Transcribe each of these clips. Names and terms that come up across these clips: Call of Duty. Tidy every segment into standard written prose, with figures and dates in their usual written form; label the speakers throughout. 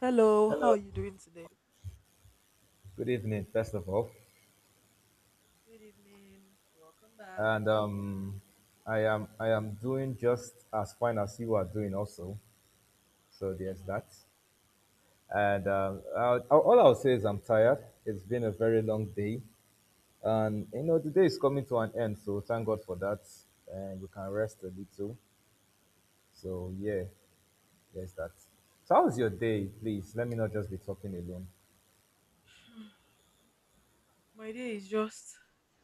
Speaker 1: Hello, how
Speaker 2: Hello,
Speaker 1: are you doing today?
Speaker 2: good evening, first of all.
Speaker 1: Good evening. Welcome back.
Speaker 2: And I am doing just as fine as you are doing also. So there's that. All I'll say is I'm tired. It's been a very long day, and you know the day is coming to an end. So thank God for that, and we can rest a little. So yeah, there's that. So how's your day, please? Let me not just be talking alone,
Speaker 1: My day is just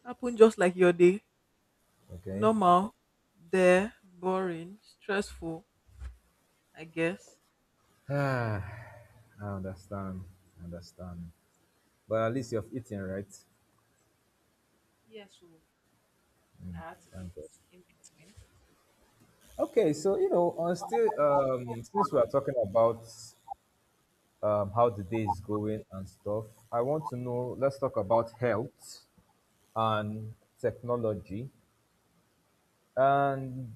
Speaker 1: happened just like your day.
Speaker 2: okay?
Speaker 1: Normal, there, boring, stressful, I guess.
Speaker 2: Ah, I understand, I understand. But at least you've eaten, right?
Speaker 1: Yes, so I had to
Speaker 2: Thank
Speaker 1: eat
Speaker 2: God.
Speaker 1: in between.
Speaker 2: Okay, so you know, on still since we are talking about how the day is going and stuff, I want to know. Let's talk about health and technology. And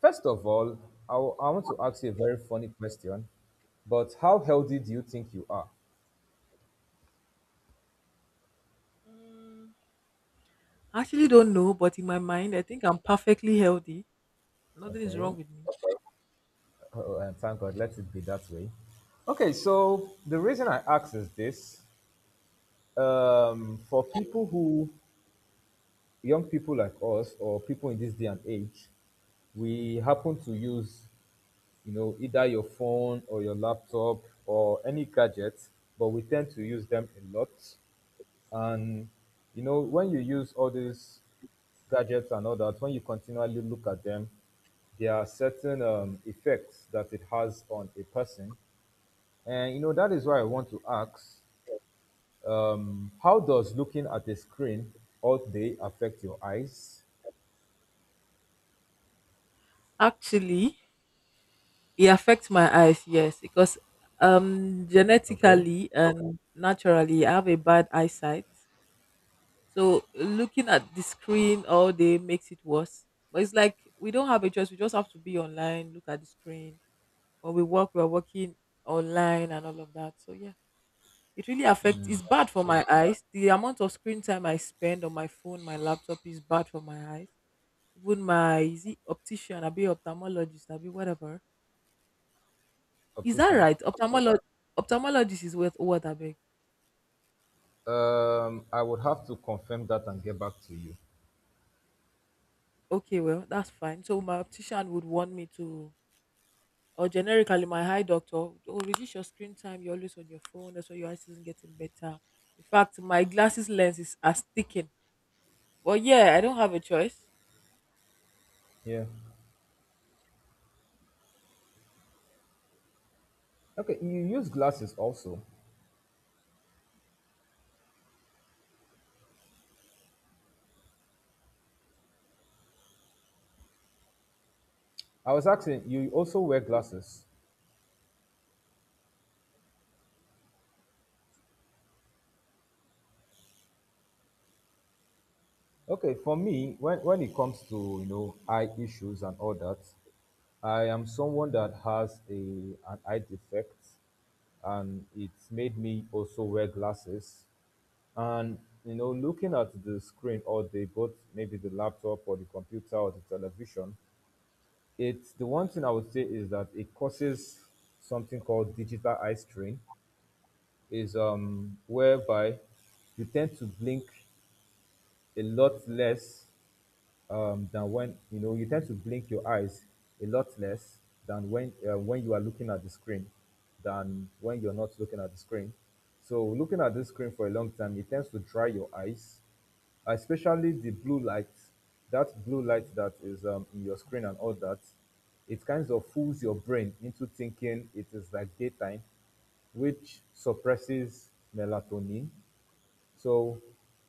Speaker 2: first of all, I want to ask you a very funny question. But how healthy do you think you are?
Speaker 1: Mm, I actually don't know, but in my mind, I think I'm perfectly healthy. Nothing is wrong
Speaker 2: Okay,
Speaker 1: with me.
Speaker 2: oh, and thank God, let it be that way. Okay, so the reason I ask is this: for people who young people like us or people in this day and age, we happen to use, you know, either your phone or your laptop or any gadget, but we tend to use them a lot. And, you know, when you use all these gadgets and all that, when you continually look at them, there are certain effects that it has on a person. And, you know, that is why I want to ask how does looking at a screen all day affect your eyes?
Speaker 1: Actually, it affects my eyes, yes, because
Speaker 2: Okay.
Speaker 1: genetically and naturally I have a bad eyesight. So looking at the screen all day makes it worse. But it's like we don't have a choice. We just have to be online, look at the screen. When we work, we're working online and all of that. So yeah, it really affects. It's bad for my eyes. The amount of screen time I spend on my phone, my laptop is bad for my eyes. Even my is it optician, I be ophthalmologist, I be whatever. Is that
Speaker 2: Optician.
Speaker 1: right? Ophthalmologist is worth what I beg.
Speaker 2: I would have to confirm that and get back to you.
Speaker 1: Okay, well, that's fine. So my optician would want me to, or generically, my eye doctor, oh, reduce your screen time. You're always on your phone. That's why your eyes isn't getting better. In fact, my glasses lens is are sticking. But yeah, I don't have a choice.
Speaker 2: Yeah. Okay, you use glasses also. I was asking, you also wear glasses. Okay, for me, when it comes to, you know, eye issues and all that, I am someone that has a an eye defect and it's made me also wear glasses. And you know, looking at the screen all day, both maybe the laptop or the computer or the television, it's the one thing I would say is that it causes something called digital eye strain, is whereby you tend to blink a lot less than when you know you tend to blink your eyes a lot less than when you are looking at the screen than when you're not looking at the screen. So looking at the screen for a long time, it tends to dry your eyes, especially the blue light. That blue light that is in your screen and all that, it kind of fools your brain into thinking it is like daytime, which suppresses melatonin. So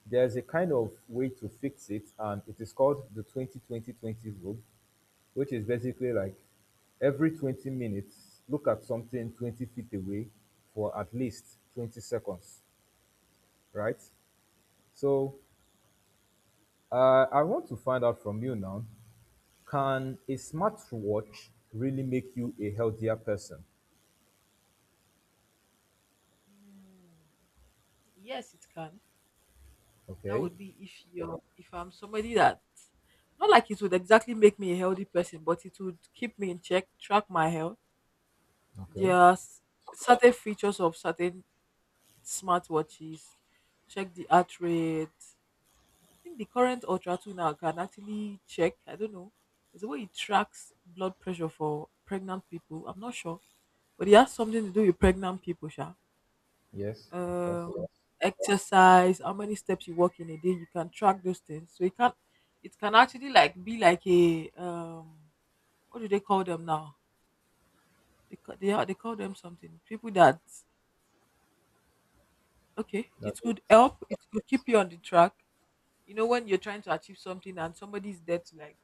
Speaker 2: there's a kind of way to fix it, and it is called the 202020 rule, which is basically like every 20 minutes, look at something 20 feet away for at least 20 seconds, right? So I want to find out from you now, can a smartwatch really make you a healthier person?
Speaker 1: Mm, yes, it can. That
Speaker 2: Okay.
Speaker 1: would be if you're if I'm somebody that not like it would exactly make me a healthy person, but it would keep me in check, track my health.
Speaker 2: Okay.
Speaker 1: There are certain features of certain smartwatches, check the heart rate, think the current Ultra tuner can actually check. I don't know. There's a way it tracks blood pressure for pregnant people. I'm not sure, but it has something to do with pregnant people, Sha.
Speaker 2: Yes, of course.
Speaker 1: Um, exercise, how many steps you walk in a day, you can track those things. So it can actually like be like a what do they call them now? They are they call them something. People that okay,
Speaker 2: That
Speaker 1: it could
Speaker 2: is,
Speaker 1: help. It could keep you on the track. You know when you're trying to achieve something and somebody's there to like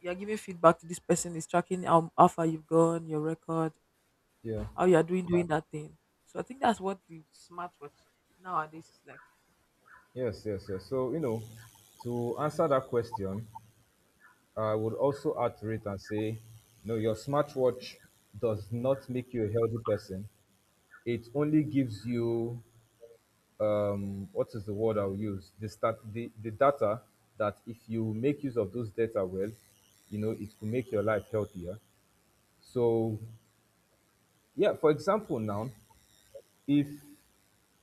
Speaker 1: you're giving feedback to this person is tracking how far you've gone, your record,
Speaker 2: yeah.
Speaker 1: how you're doing that thing. So I think that's what the smartwatch nowadays is like.
Speaker 2: Yes, yes, yes. So, you know, to answer that question, I would also add to it and say, no, your smartwatch does not make you a healthy person. It only gives you what is the word I'll use? The stat, the data that if you make use of those data well, you know, it could make your life healthier. So, yeah, for example, now, if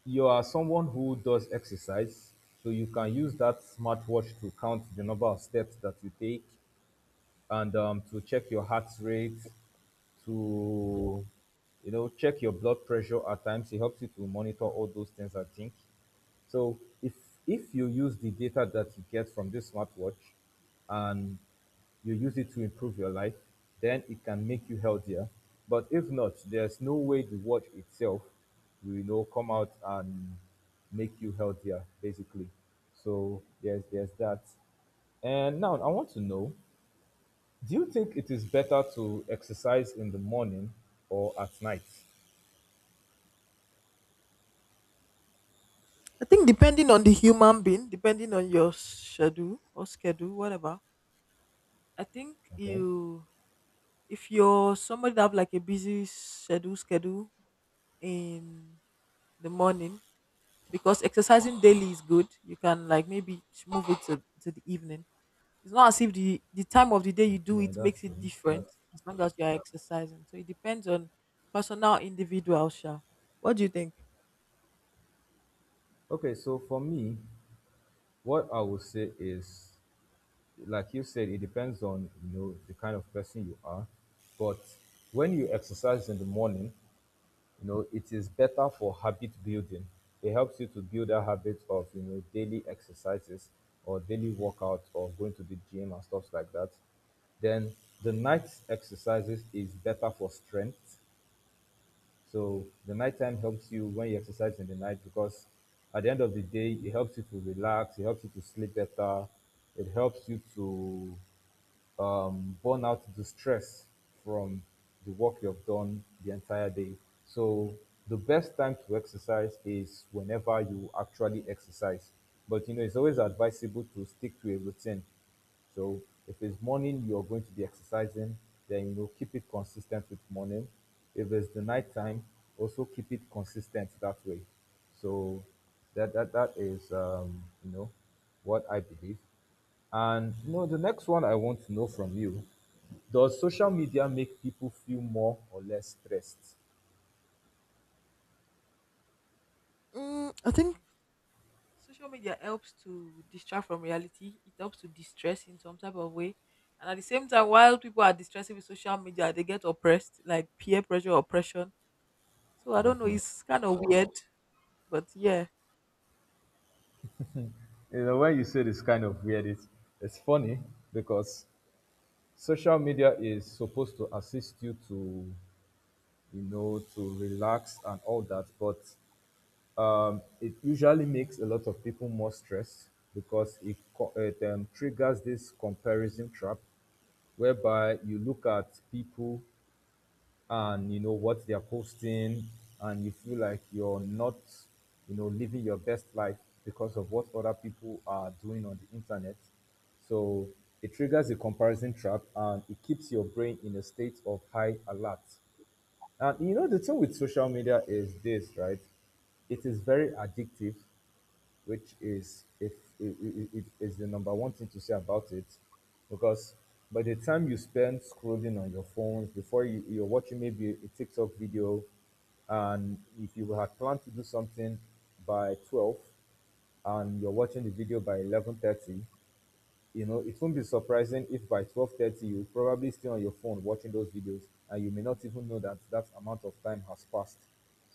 Speaker 2: you are someone who does exercise, so you can use that smartwatch to count the number of steps that you take and to check your heart rate, to you know check your blood pressure at times. It helps you to monitor all those things. I think so. If you use the data that you get from this smartwatch, and you use it to improve your life, then it can make you healthier. But if not, there's no way the watch itself will you know come out and make you healthier, basically. So there's that. And now I want to know, do you think it is better to exercise in the morning or at night?
Speaker 1: I think depending on the human being, depending on your schedule or schedule, whatever. I think
Speaker 2: Okay.
Speaker 1: you if you're somebody that have like a busy schedule in the morning because exercising daily is good. You can like maybe move it to the evening. It's not as if the time of the day you do
Speaker 2: Yeah,
Speaker 1: it
Speaker 2: that's
Speaker 1: makes it
Speaker 2: true.
Speaker 1: different
Speaker 2: That's
Speaker 1: as long as you are exercising. So it depends on personal individual. Sha. What do you think?
Speaker 2: okay. So for me, what I would say is, like you said, it depends on you know the kind of person you are. But when you exercise in the morning, you know it is better for habit building. It helps you to build a habit of you know daily exercises or daily workout or going to the gym and stuff like that. Then the night exercises is better for strength. So the nighttime helps you when you exercise in the night because at the end of the day it helps you to relax, it helps you to sleep better, it helps you to burn out the stress from the work you've done the entire day. So the best time to exercise is whenever you actually exercise. But you know, it's always advisable to stick to a routine. So if it's morning you're going to be exercising, then you know keep it consistent with morning. If it's the night time, also keep it consistent that way. So that is you know what I believe. And you know, the next one I want to know from you, does social media make people feel more or less stressed?
Speaker 1: I think social media helps to distract from reality. It helps to distress in some type of way. And at the same time, while people are distressing with social media, they get oppressed, like peer pressure oppression. So I don't know,
Speaker 2: Definitely.
Speaker 1: it's kind of weird, but yeah.
Speaker 2: You know, when you say this kind of weird, it's funny because social media is supposed to assist you to, you know, to relax and all that, but it usually makes a lot of people more stressed because it triggers this comparison trap whereby you look at people and you know what they're posting and you feel like you're not you know living your best life because of what other people are doing on the internet. So it triggers a comparison trap and it keeps your brain in a state of high alert. And you know the thing with social media is this, right? It is very addictive, which is if it is the number one thing to say about it, because by the time you spend scrolling on your phones before you're watching maybe a tiktok video, and if you had planned to do something by 12 and you're watching the video by 11:30, you know it won't be surprising if by 12:30 you're probably still on your phone watching those videos. And you may not even know that that amount of time has passed.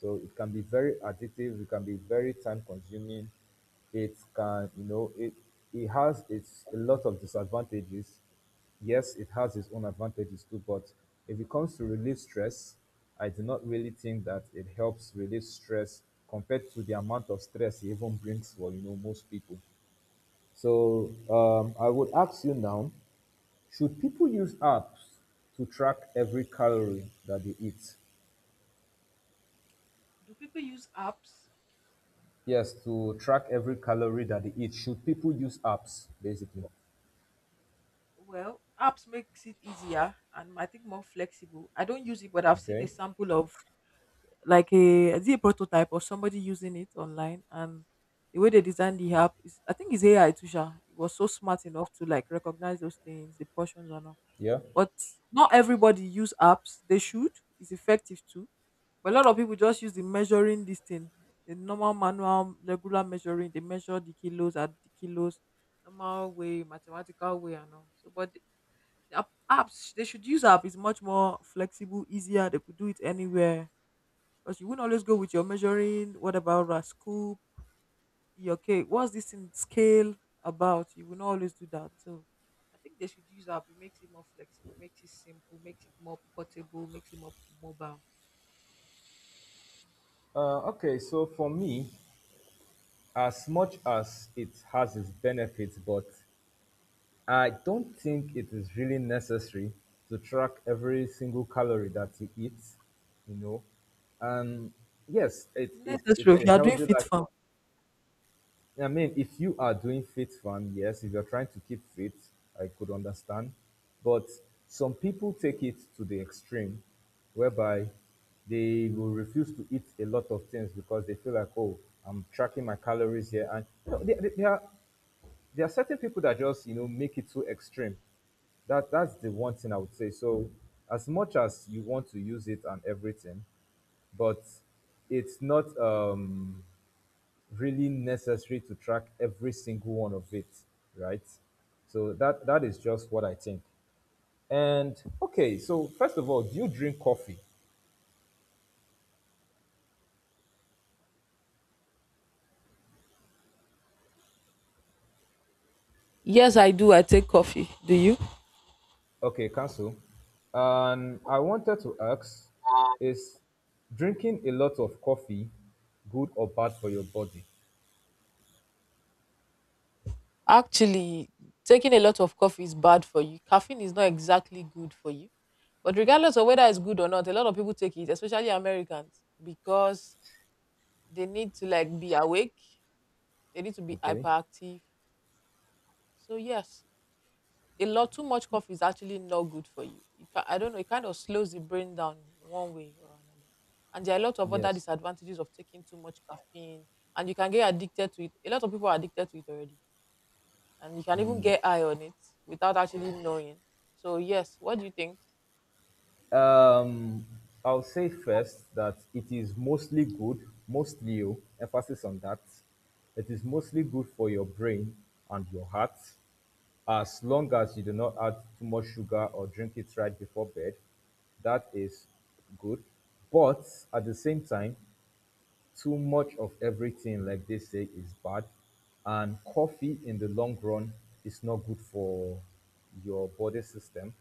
Speaker 2: So it can be very addictive, it can be very time consuming. It can you know it has its a lot of disadvantages. Yes, it has its own advantages too, but if it comes to relieve stress, I do not really think that it helps relieve stress compared to the amount of stress it even brings for you know most people. So I would ask you now: should people use apps to track every calorie that they eat?
Speaker 1: Do people use apps?
Speaker 2: Yes, to track every calorie that they eat. Should people use apps, basically?
Speaker 1: Well, apps makes it easier and I think more flexible. I don't use it, but I've seen a
Speaker 2: Okay.
Speaker 1: sample of like a is it a prototype of somebody using it online, and the way they designed the app is I think it's AI too sha. It was so smart enough to like recognize those things, the portions and all.
Speaker 2: Yeah.
Speaker 1: But not everybody use apps. They should. It's effective too. But a lot of people just use the measuring this thing. The normal manual regular measuring. They measure the kilos at the kilos, normal way, mathematical way and all. So but the apps they should use app is much more flexible, easier. They could do it anywhere because you wouldn't always go with your measuring. What about a scoop? Your cake? What's this in scale about? You will not always do that. So I think they should use app. It makes it more flexible, makes it simple, makes it more portable, makes it more mobile.
Speaker 2: Okay. So for me, as much as it has its benefits, but I don't think it is really necessary to track every single calorie that you eat. You know, and yes it,
Speaker 1: It's
Speaker 2: it
Speaker 1: necessary.
Speaker 2: it's
Speaker 1: If
Speaker 2: a
Speaker 1: you are doing
Speaker 2: healthy.
Speaker 1: fit farm.
Speaker 2: I mean, if you are doing faith farm, yes, if you're trying to keep faith, I could understand. But some people take it to the extreme whereby they will refuse to eat a lot of things because they feel like, oh, I'm tracking my calories here. And you know, there are certain people that just, you know, make it too extreme. That's the one thing I would say. So as much as you want to use it and everything, but it's not really necessary to track every single one of it, right? So that is just what I think. And okay, so first of all, do you drink coffee?
Speaker 1: Yes, I do. I take coffee. Do you?
Speaker 2: Okay, cancel. And I wanted to ask, is drinking a lot of coffee good or bad for your body?
Speaker 1: Actually, taking a lot of coffee is bad for you. Caffeine is not exactly good for you. But regardless of whether it's good or not, a lot of people take it, especially Americans, because they need to like be awake. They need to be
Speaker 2: Okay.
Speaker 1: hyperactive. So yes, a lot too much coffee is actually not good for you. I don't know. It kind of slows the brain down one way or another. And there are a lot of other
Speaker 2: Yes.
Speaker 1: disadvantages of taking too much caffeine, and you can get addicted to it. A lot of people are addicted to it already, and you can even get high on it without actually knowing. So yes, what do you think?
Speaker 2: Um, I'll say first that it is mostly good, mostly, oh, emphasis on that. It is mostly good for your brain and your heart. As long as you do not add too much sugar or drink it right before bed, that is good. But at the same time, too much of everything, like they say, is bad. And coffee in the long run is not good for your body system.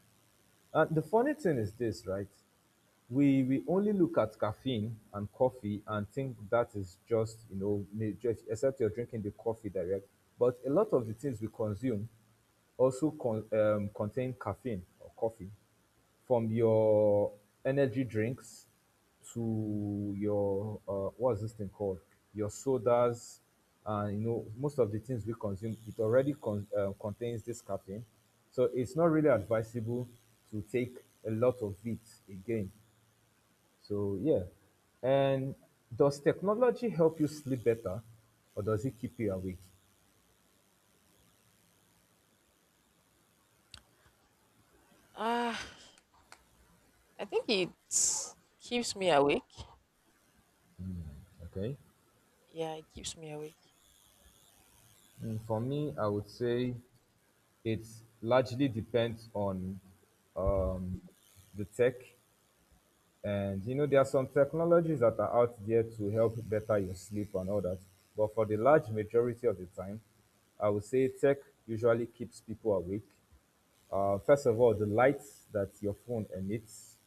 Speaker 2: And the funny thing is this, right? We only look at caffeine and coffee and think that is just nature, except you're drinking the coffee direct. But a lot of the things we consume also contain caffeine or coffee, from your energy drinks to your what's this thing called, your sodas. And most of the things we consume, it already contains this caffeine. So it's not really advisable to take a lot of it again, so yeah. And does technology help you sleep better or does it keep you awake?
Speaker 1: Ah, I think it keeps me awake.
Speaker 2: Okay.
Speaker 1: Yeah, it keeps me awake.
Speaker 2: For me, I would say it largely depends on um, the tech. And there are some technologies that are out there to help better your sleep and all that. But for the large majority of the time, I would say tech usually keeps people awake. First of all, the light that your phone emits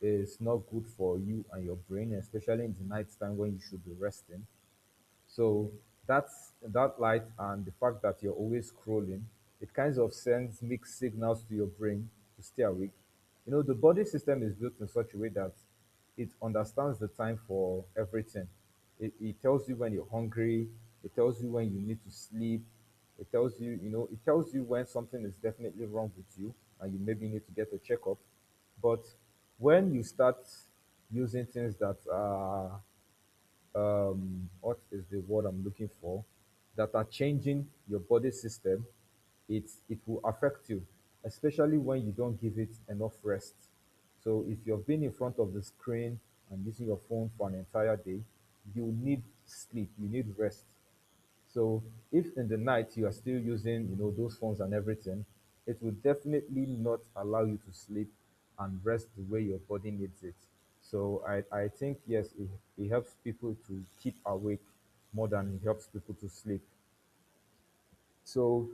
Speaker 2: is not good for you and your brain, especially in the night time when you should be resting. So that's that light, and the fact that you're always scrolling, it kind of sends mixed signals to your brain to stay awake. You know, the body system is built in such a way that it understands the time for everything. It tells you when you're hungry, it tells you when you need to sleep, it tells you, it tells you when something is definitely wrong with you and you maybe need to get a checkup. But when you start using things that are what is the word I'm looking for, that are changing your body system, it it will affect you, especially when you don't give it enough rest. So if you've been in front of the screen and using your phone for an entire day, you need sleep, you need rest. So if in the night you are still using, you know, those phones and everything, it will definitely not allow you to sleep and rest the way your body needs it. So I think yes, it helps people to keep awake more than it helps people to sleep. So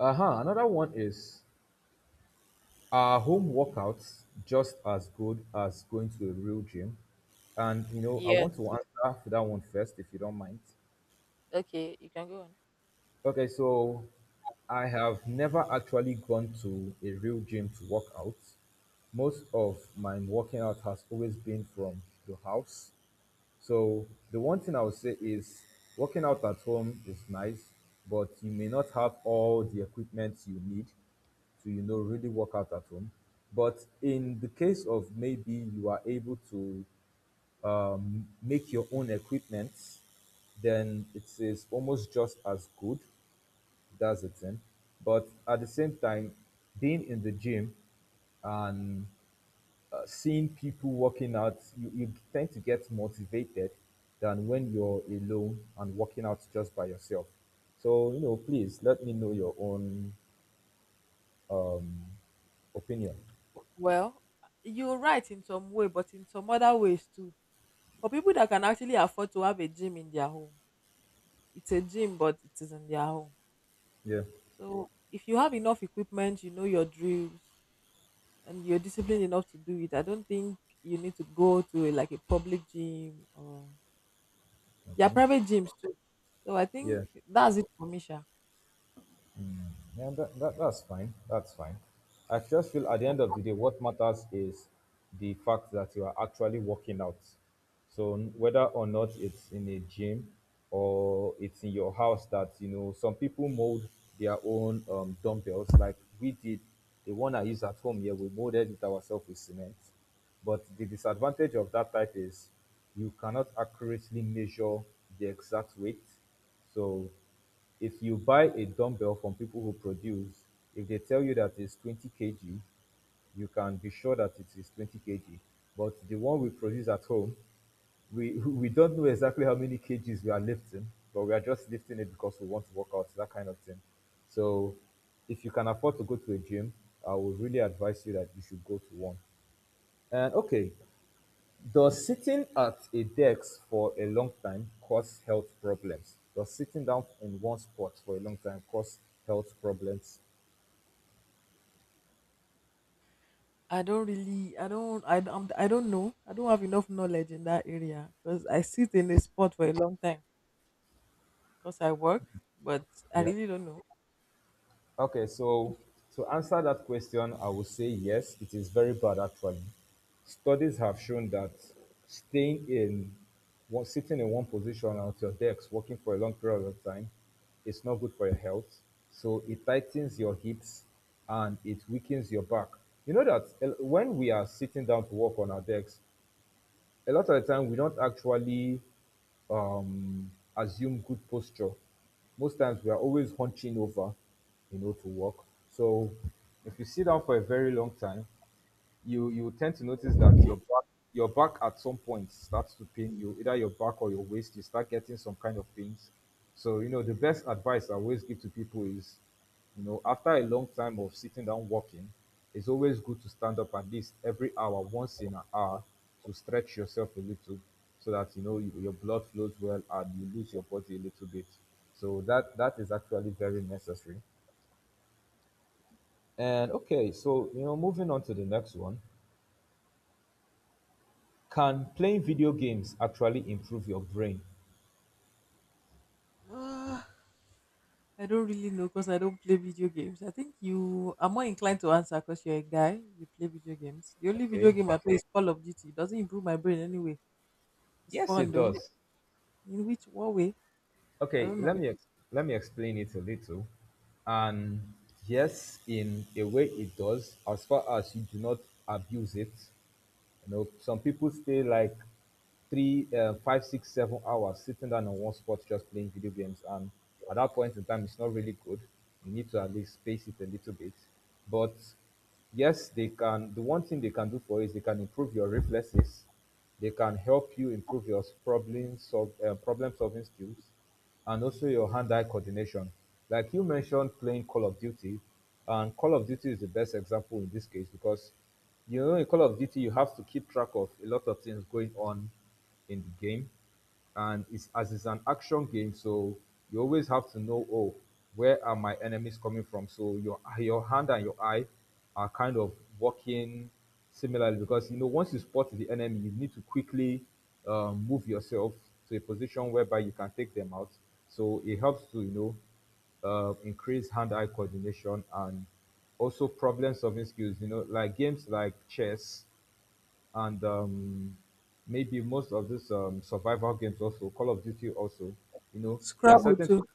Speaker 2: uh-huh, another one is: are home workouts just as good as going to a real gym? And I
Speaker 1: Yes.
Speaker 2: want to answer for that one first, if you don't mind.
Speaker 1: Okay, you can go on.
Speaker 2: Okay, so I have never actually gone to a real gym to work out. Most of my working out has always been from the house. So the one thing I would say is, working out at home is nice, but you may not have all the equipment you need to really work out at home. But in the case of maybe you are able to make your own equipment, then it is almost just as good. That's the thing. But at the same time, being in the gym and seeing people working out, you tend to get motivated than when you're alone and working out just by yourself. So, please let me know your own opinion.
Speaker 1: Well, you're right in some way, but in some other ways too. For people that can actually afford to have a gym in their home, it's a gym, but it is in their home.
Speaker 2: Yeah.
Speaker 1: So if you have enough equipment, you know your drills, and you're disciplined enough to do it, I don't think you need to go to a, like a public gym, or there are
Speaker 2: Okay.
Speaker 1: private gyms too. So I think
Speaker 2: Yeah.
Speaker 1: that's it for me, Sha.
Speaker 2: Yeah, that's fine. That's fine. I just feel at the end of the day, what matters is the fact that you are actually working out. So whether or not it's in a gym or it's in your house, that some people mold their own dumbbells, like we did. The one I use at home here, we molded it ourselves with cement. But the disadvantage of that type is, you cannot accurately measure the exact weight. So if you buy a dumbbell from people who produce, if they tell you that it's 20 kg, you can be sure that it is 20 kg. But the one we produce at home, we, we don't know exactly how many kgs we are lifting, but we are just lifting it because we want to work out, that kind of thing. So if you can afford to go to a gym, I would really advise you that you should go to one. And okay, does sitting at a desk for a long time cause health problems? Does sitting down in one spot for a long time cause health problems?
Speaker 1: I don't really, I don't know. I don't have enough knowledge in that area because I sit in a spot for a long time, because I work, but I
Speaker 2: Yeah.
Speaker 1: really don't know.
Speaker 2: Okay, so to answer that question, I would say yes, it is very bad actually. Studies have shown that staying in one, sitting in one position at your desk working for a long period of time is not good for your health. So it tightens your hips and it weakens your back. You know that when we are sitting down to work on our desks, a lot of the time we don't actually um, assume good posture. Most times we are always hunching over, to work. So if you sit down for a very long time, you tend to notice that your back at some point starts to pain you, either your back or your waist. You start getting some kind of pains. So the best advice I always give to people is, after a long time of sitting down walking, it's always good to stand up at least every hour, once in an hour, to stretch yourself a little, so that your blood flows well and you lose your body a little bit. So that that is actually very necessary. And okay, so moving on to the next one. Can playing video games actually improve your brain?
Speaker 1: Ah, I don't really know because I don't play video games. I think you are more inclined to answer because you're a guy, you play video games. The only video
Speaker 2: Okay.
Speaker 1: game I play is Call of Duty. It doesn't improve my brain anyway. It's
Speaker 2: Yes,
Speaker 1: fun
Speaker 2: it
Speaker 1: though.
Speaker 2: does.
Speaker 1: In which what way? I
Speaker 2: Okay,
Speaker 1: don't know.
Speaker 2: let me explain it a little. And yes, in a way, it does, as far as you do not abuse it. Some people stay like three, five, six, 7 hours sitting down on one spot just playing video games. And at that point in time, it's not really good. You need to at least space it a little bit. But yes, they can. The one thing they can do for you is, they can improve your reflexes. They can help you improve your problem solving skills, and also your hand-eye coordination. Like you mentioned, playing Call of Duty, and Call of Duty is the best example in this case because in Call of Duty you have to keep track of a lot of things going on in the game, and it's as it's an action game, so you always have to know, oh, where are my enemies coming from. So your hand and your eye are kind of working similarly because once you spot the enemy you need to quickly move yourself to a position whereby you can take them out, so it helps to increase hand-eye coordination and also problem-solving skills. Like games like chess and maybe most of these survival games also, Call of Duty also. There are
Speaker 1: Scrabble
Speaker 2: certain,
Speaker 1: too.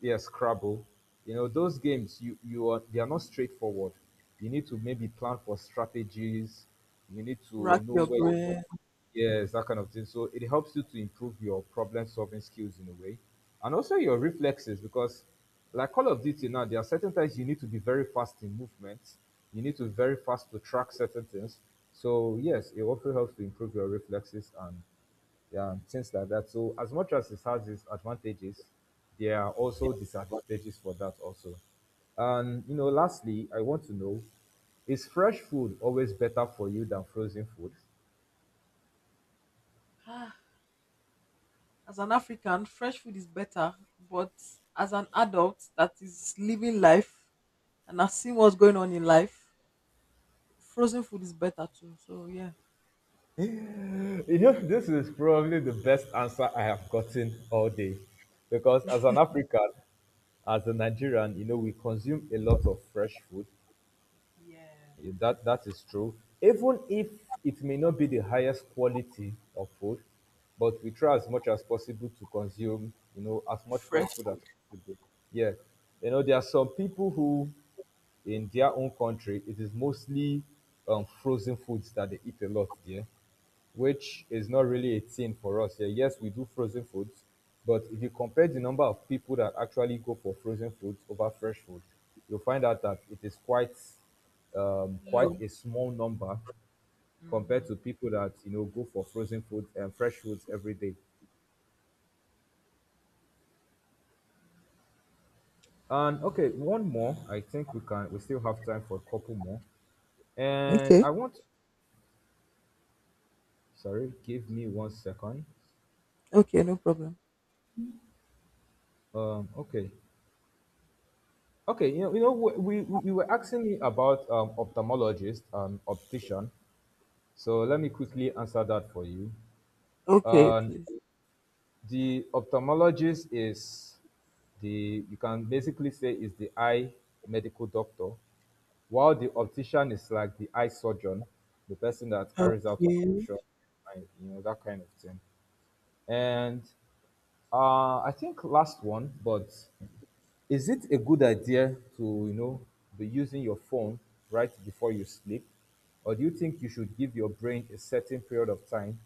Speaker 2: yeah, Scrabble. Those games you you are they are not straightforward. You need to maybe plan for strategies. You need to
Speaker 1: Rack
Speaker 2: know
Speaker 1: your
Speaker 2: where,
Speaker 1: brain.
Speaker 2: yes, that kind of thing. So it helps you to improve your problem solving skills in a way. And also your reflexes because like Call of Duty now, there are certain times you need to be very fast in movements. You need to be very fast to track certain things. So yes, it also helps to improve your reflexes and yeah, and things like that. So as much as it has its advantages, there are also disadvantages for that also. And lastly, I want to know: is fresh food always better for you than frozen food?
Speaker 1: Ah, As an African, fresh food is better, but as an adult that is living life and has seen what's going on in life, frozen food is better too. So yeah,
Speaker 2: You know, this is probably the best answer I have gotten all day. Because as an African, as a Nigerian, we consume a lot of fresh food.
Speaker 1: yeah,
Speaker 2: That that is true. Even if it may not be the highest quality of food, but we try as much as possible to consume, as much fresh
Speaker 1: fresh
Speaker 2: food as
Speaker 1: food,
Speaker 2: possible. Yeah. You know, there are some people who, in their own country, it is mostly frozen foods that they eat a lot there, which is not really a thing for us here. Yes, we do frozen foods, but if you compare the number of people that actually go for frozen foods over fresh food, you'll find out that it is quite
Speaker 1: low.
Speaker 2: quite a small number
Speaker 1: Hmm.
Speaker 2: compared to people that go for frozen foods and fresh foods every day. And okay, one more. I think we can, we still have time for a couple more. And
Speaker 1: Okay.
Speaker 2: I want sorry, give me one second.
Speaker 1: Okay, no problem.
Speaker 2: Okay. Okay, we you were asking me about ophthalmologist and optician, so let me quickly answer that for you.
Speaker 1: Okay,
Speaker 2: Um,
Speaker 1: please.
Speaker 2: the ophthalmologist is, the, you can basically say, is the eye medical doctor, while the optician is like the eye surgeon, the person that carries out
Speaker 1: Okay.
Speaker 2: operation, and, you know, that kind of thing. And I think last one, but is it a good idea to, be using your phone right before you sleep? Or do you think you should give your brain a certain period of time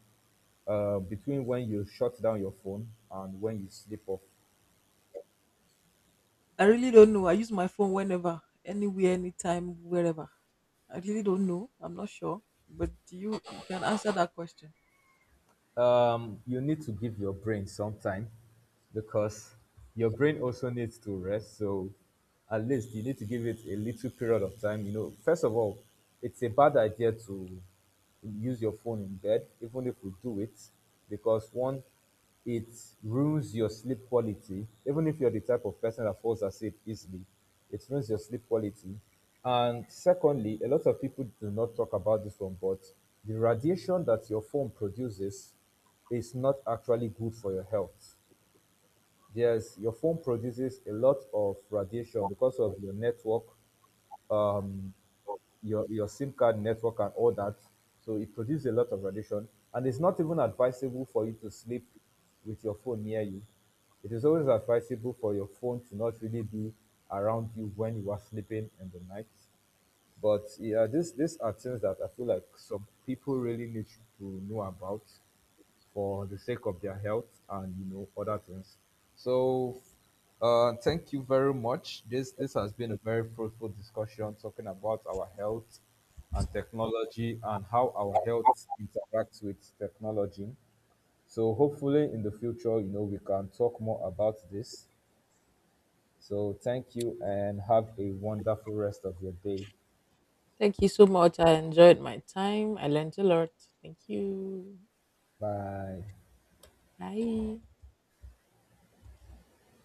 Speaker 2: between when you shut down your phone and when you sleep off?
Speaker 1: I really don't know. I use my phone whenever, anywhere, anytime, wherever. I really don't know. I'm not sure, but you can answer that question.
Speaker 2: You need to give your brain some time because your brain also needs to rest. So at least you need to give it a little period of time. You know, first of all, it's a bad idea to use your phone in bed, even if we do it, because one, it ruins your sleep quality. Even if you're the type of person that falls asleep easily, it ruins your sleep quality. And secondly, a lot of people do not talk about this one, but the radiation that your phone produces is not actually good for your health. Yes, your phone produces a lot of radiation because of your network, um, your SIM card network and all that. So it produces a lot of radiation, and it's not even advisable for you to sleep with your phone near you. It is always advisable for your phone to not really be around you when you are sleeping in the night. But yeah, this these are things that I feel like some people really need to know about, for the sake of their health and other things. So thank you very much. This has been a very fruitful discussion talking about our health and technology and how our health interacts with technology. So hopefully in the future, we can talk more about this. So thank you and have a wonderful rest of your day.
Speaker 1: Thank you so much. I enjoyed my time. I learned a lot. Thank you.
Speaker 2: Bye.
Speaker 1: Bye.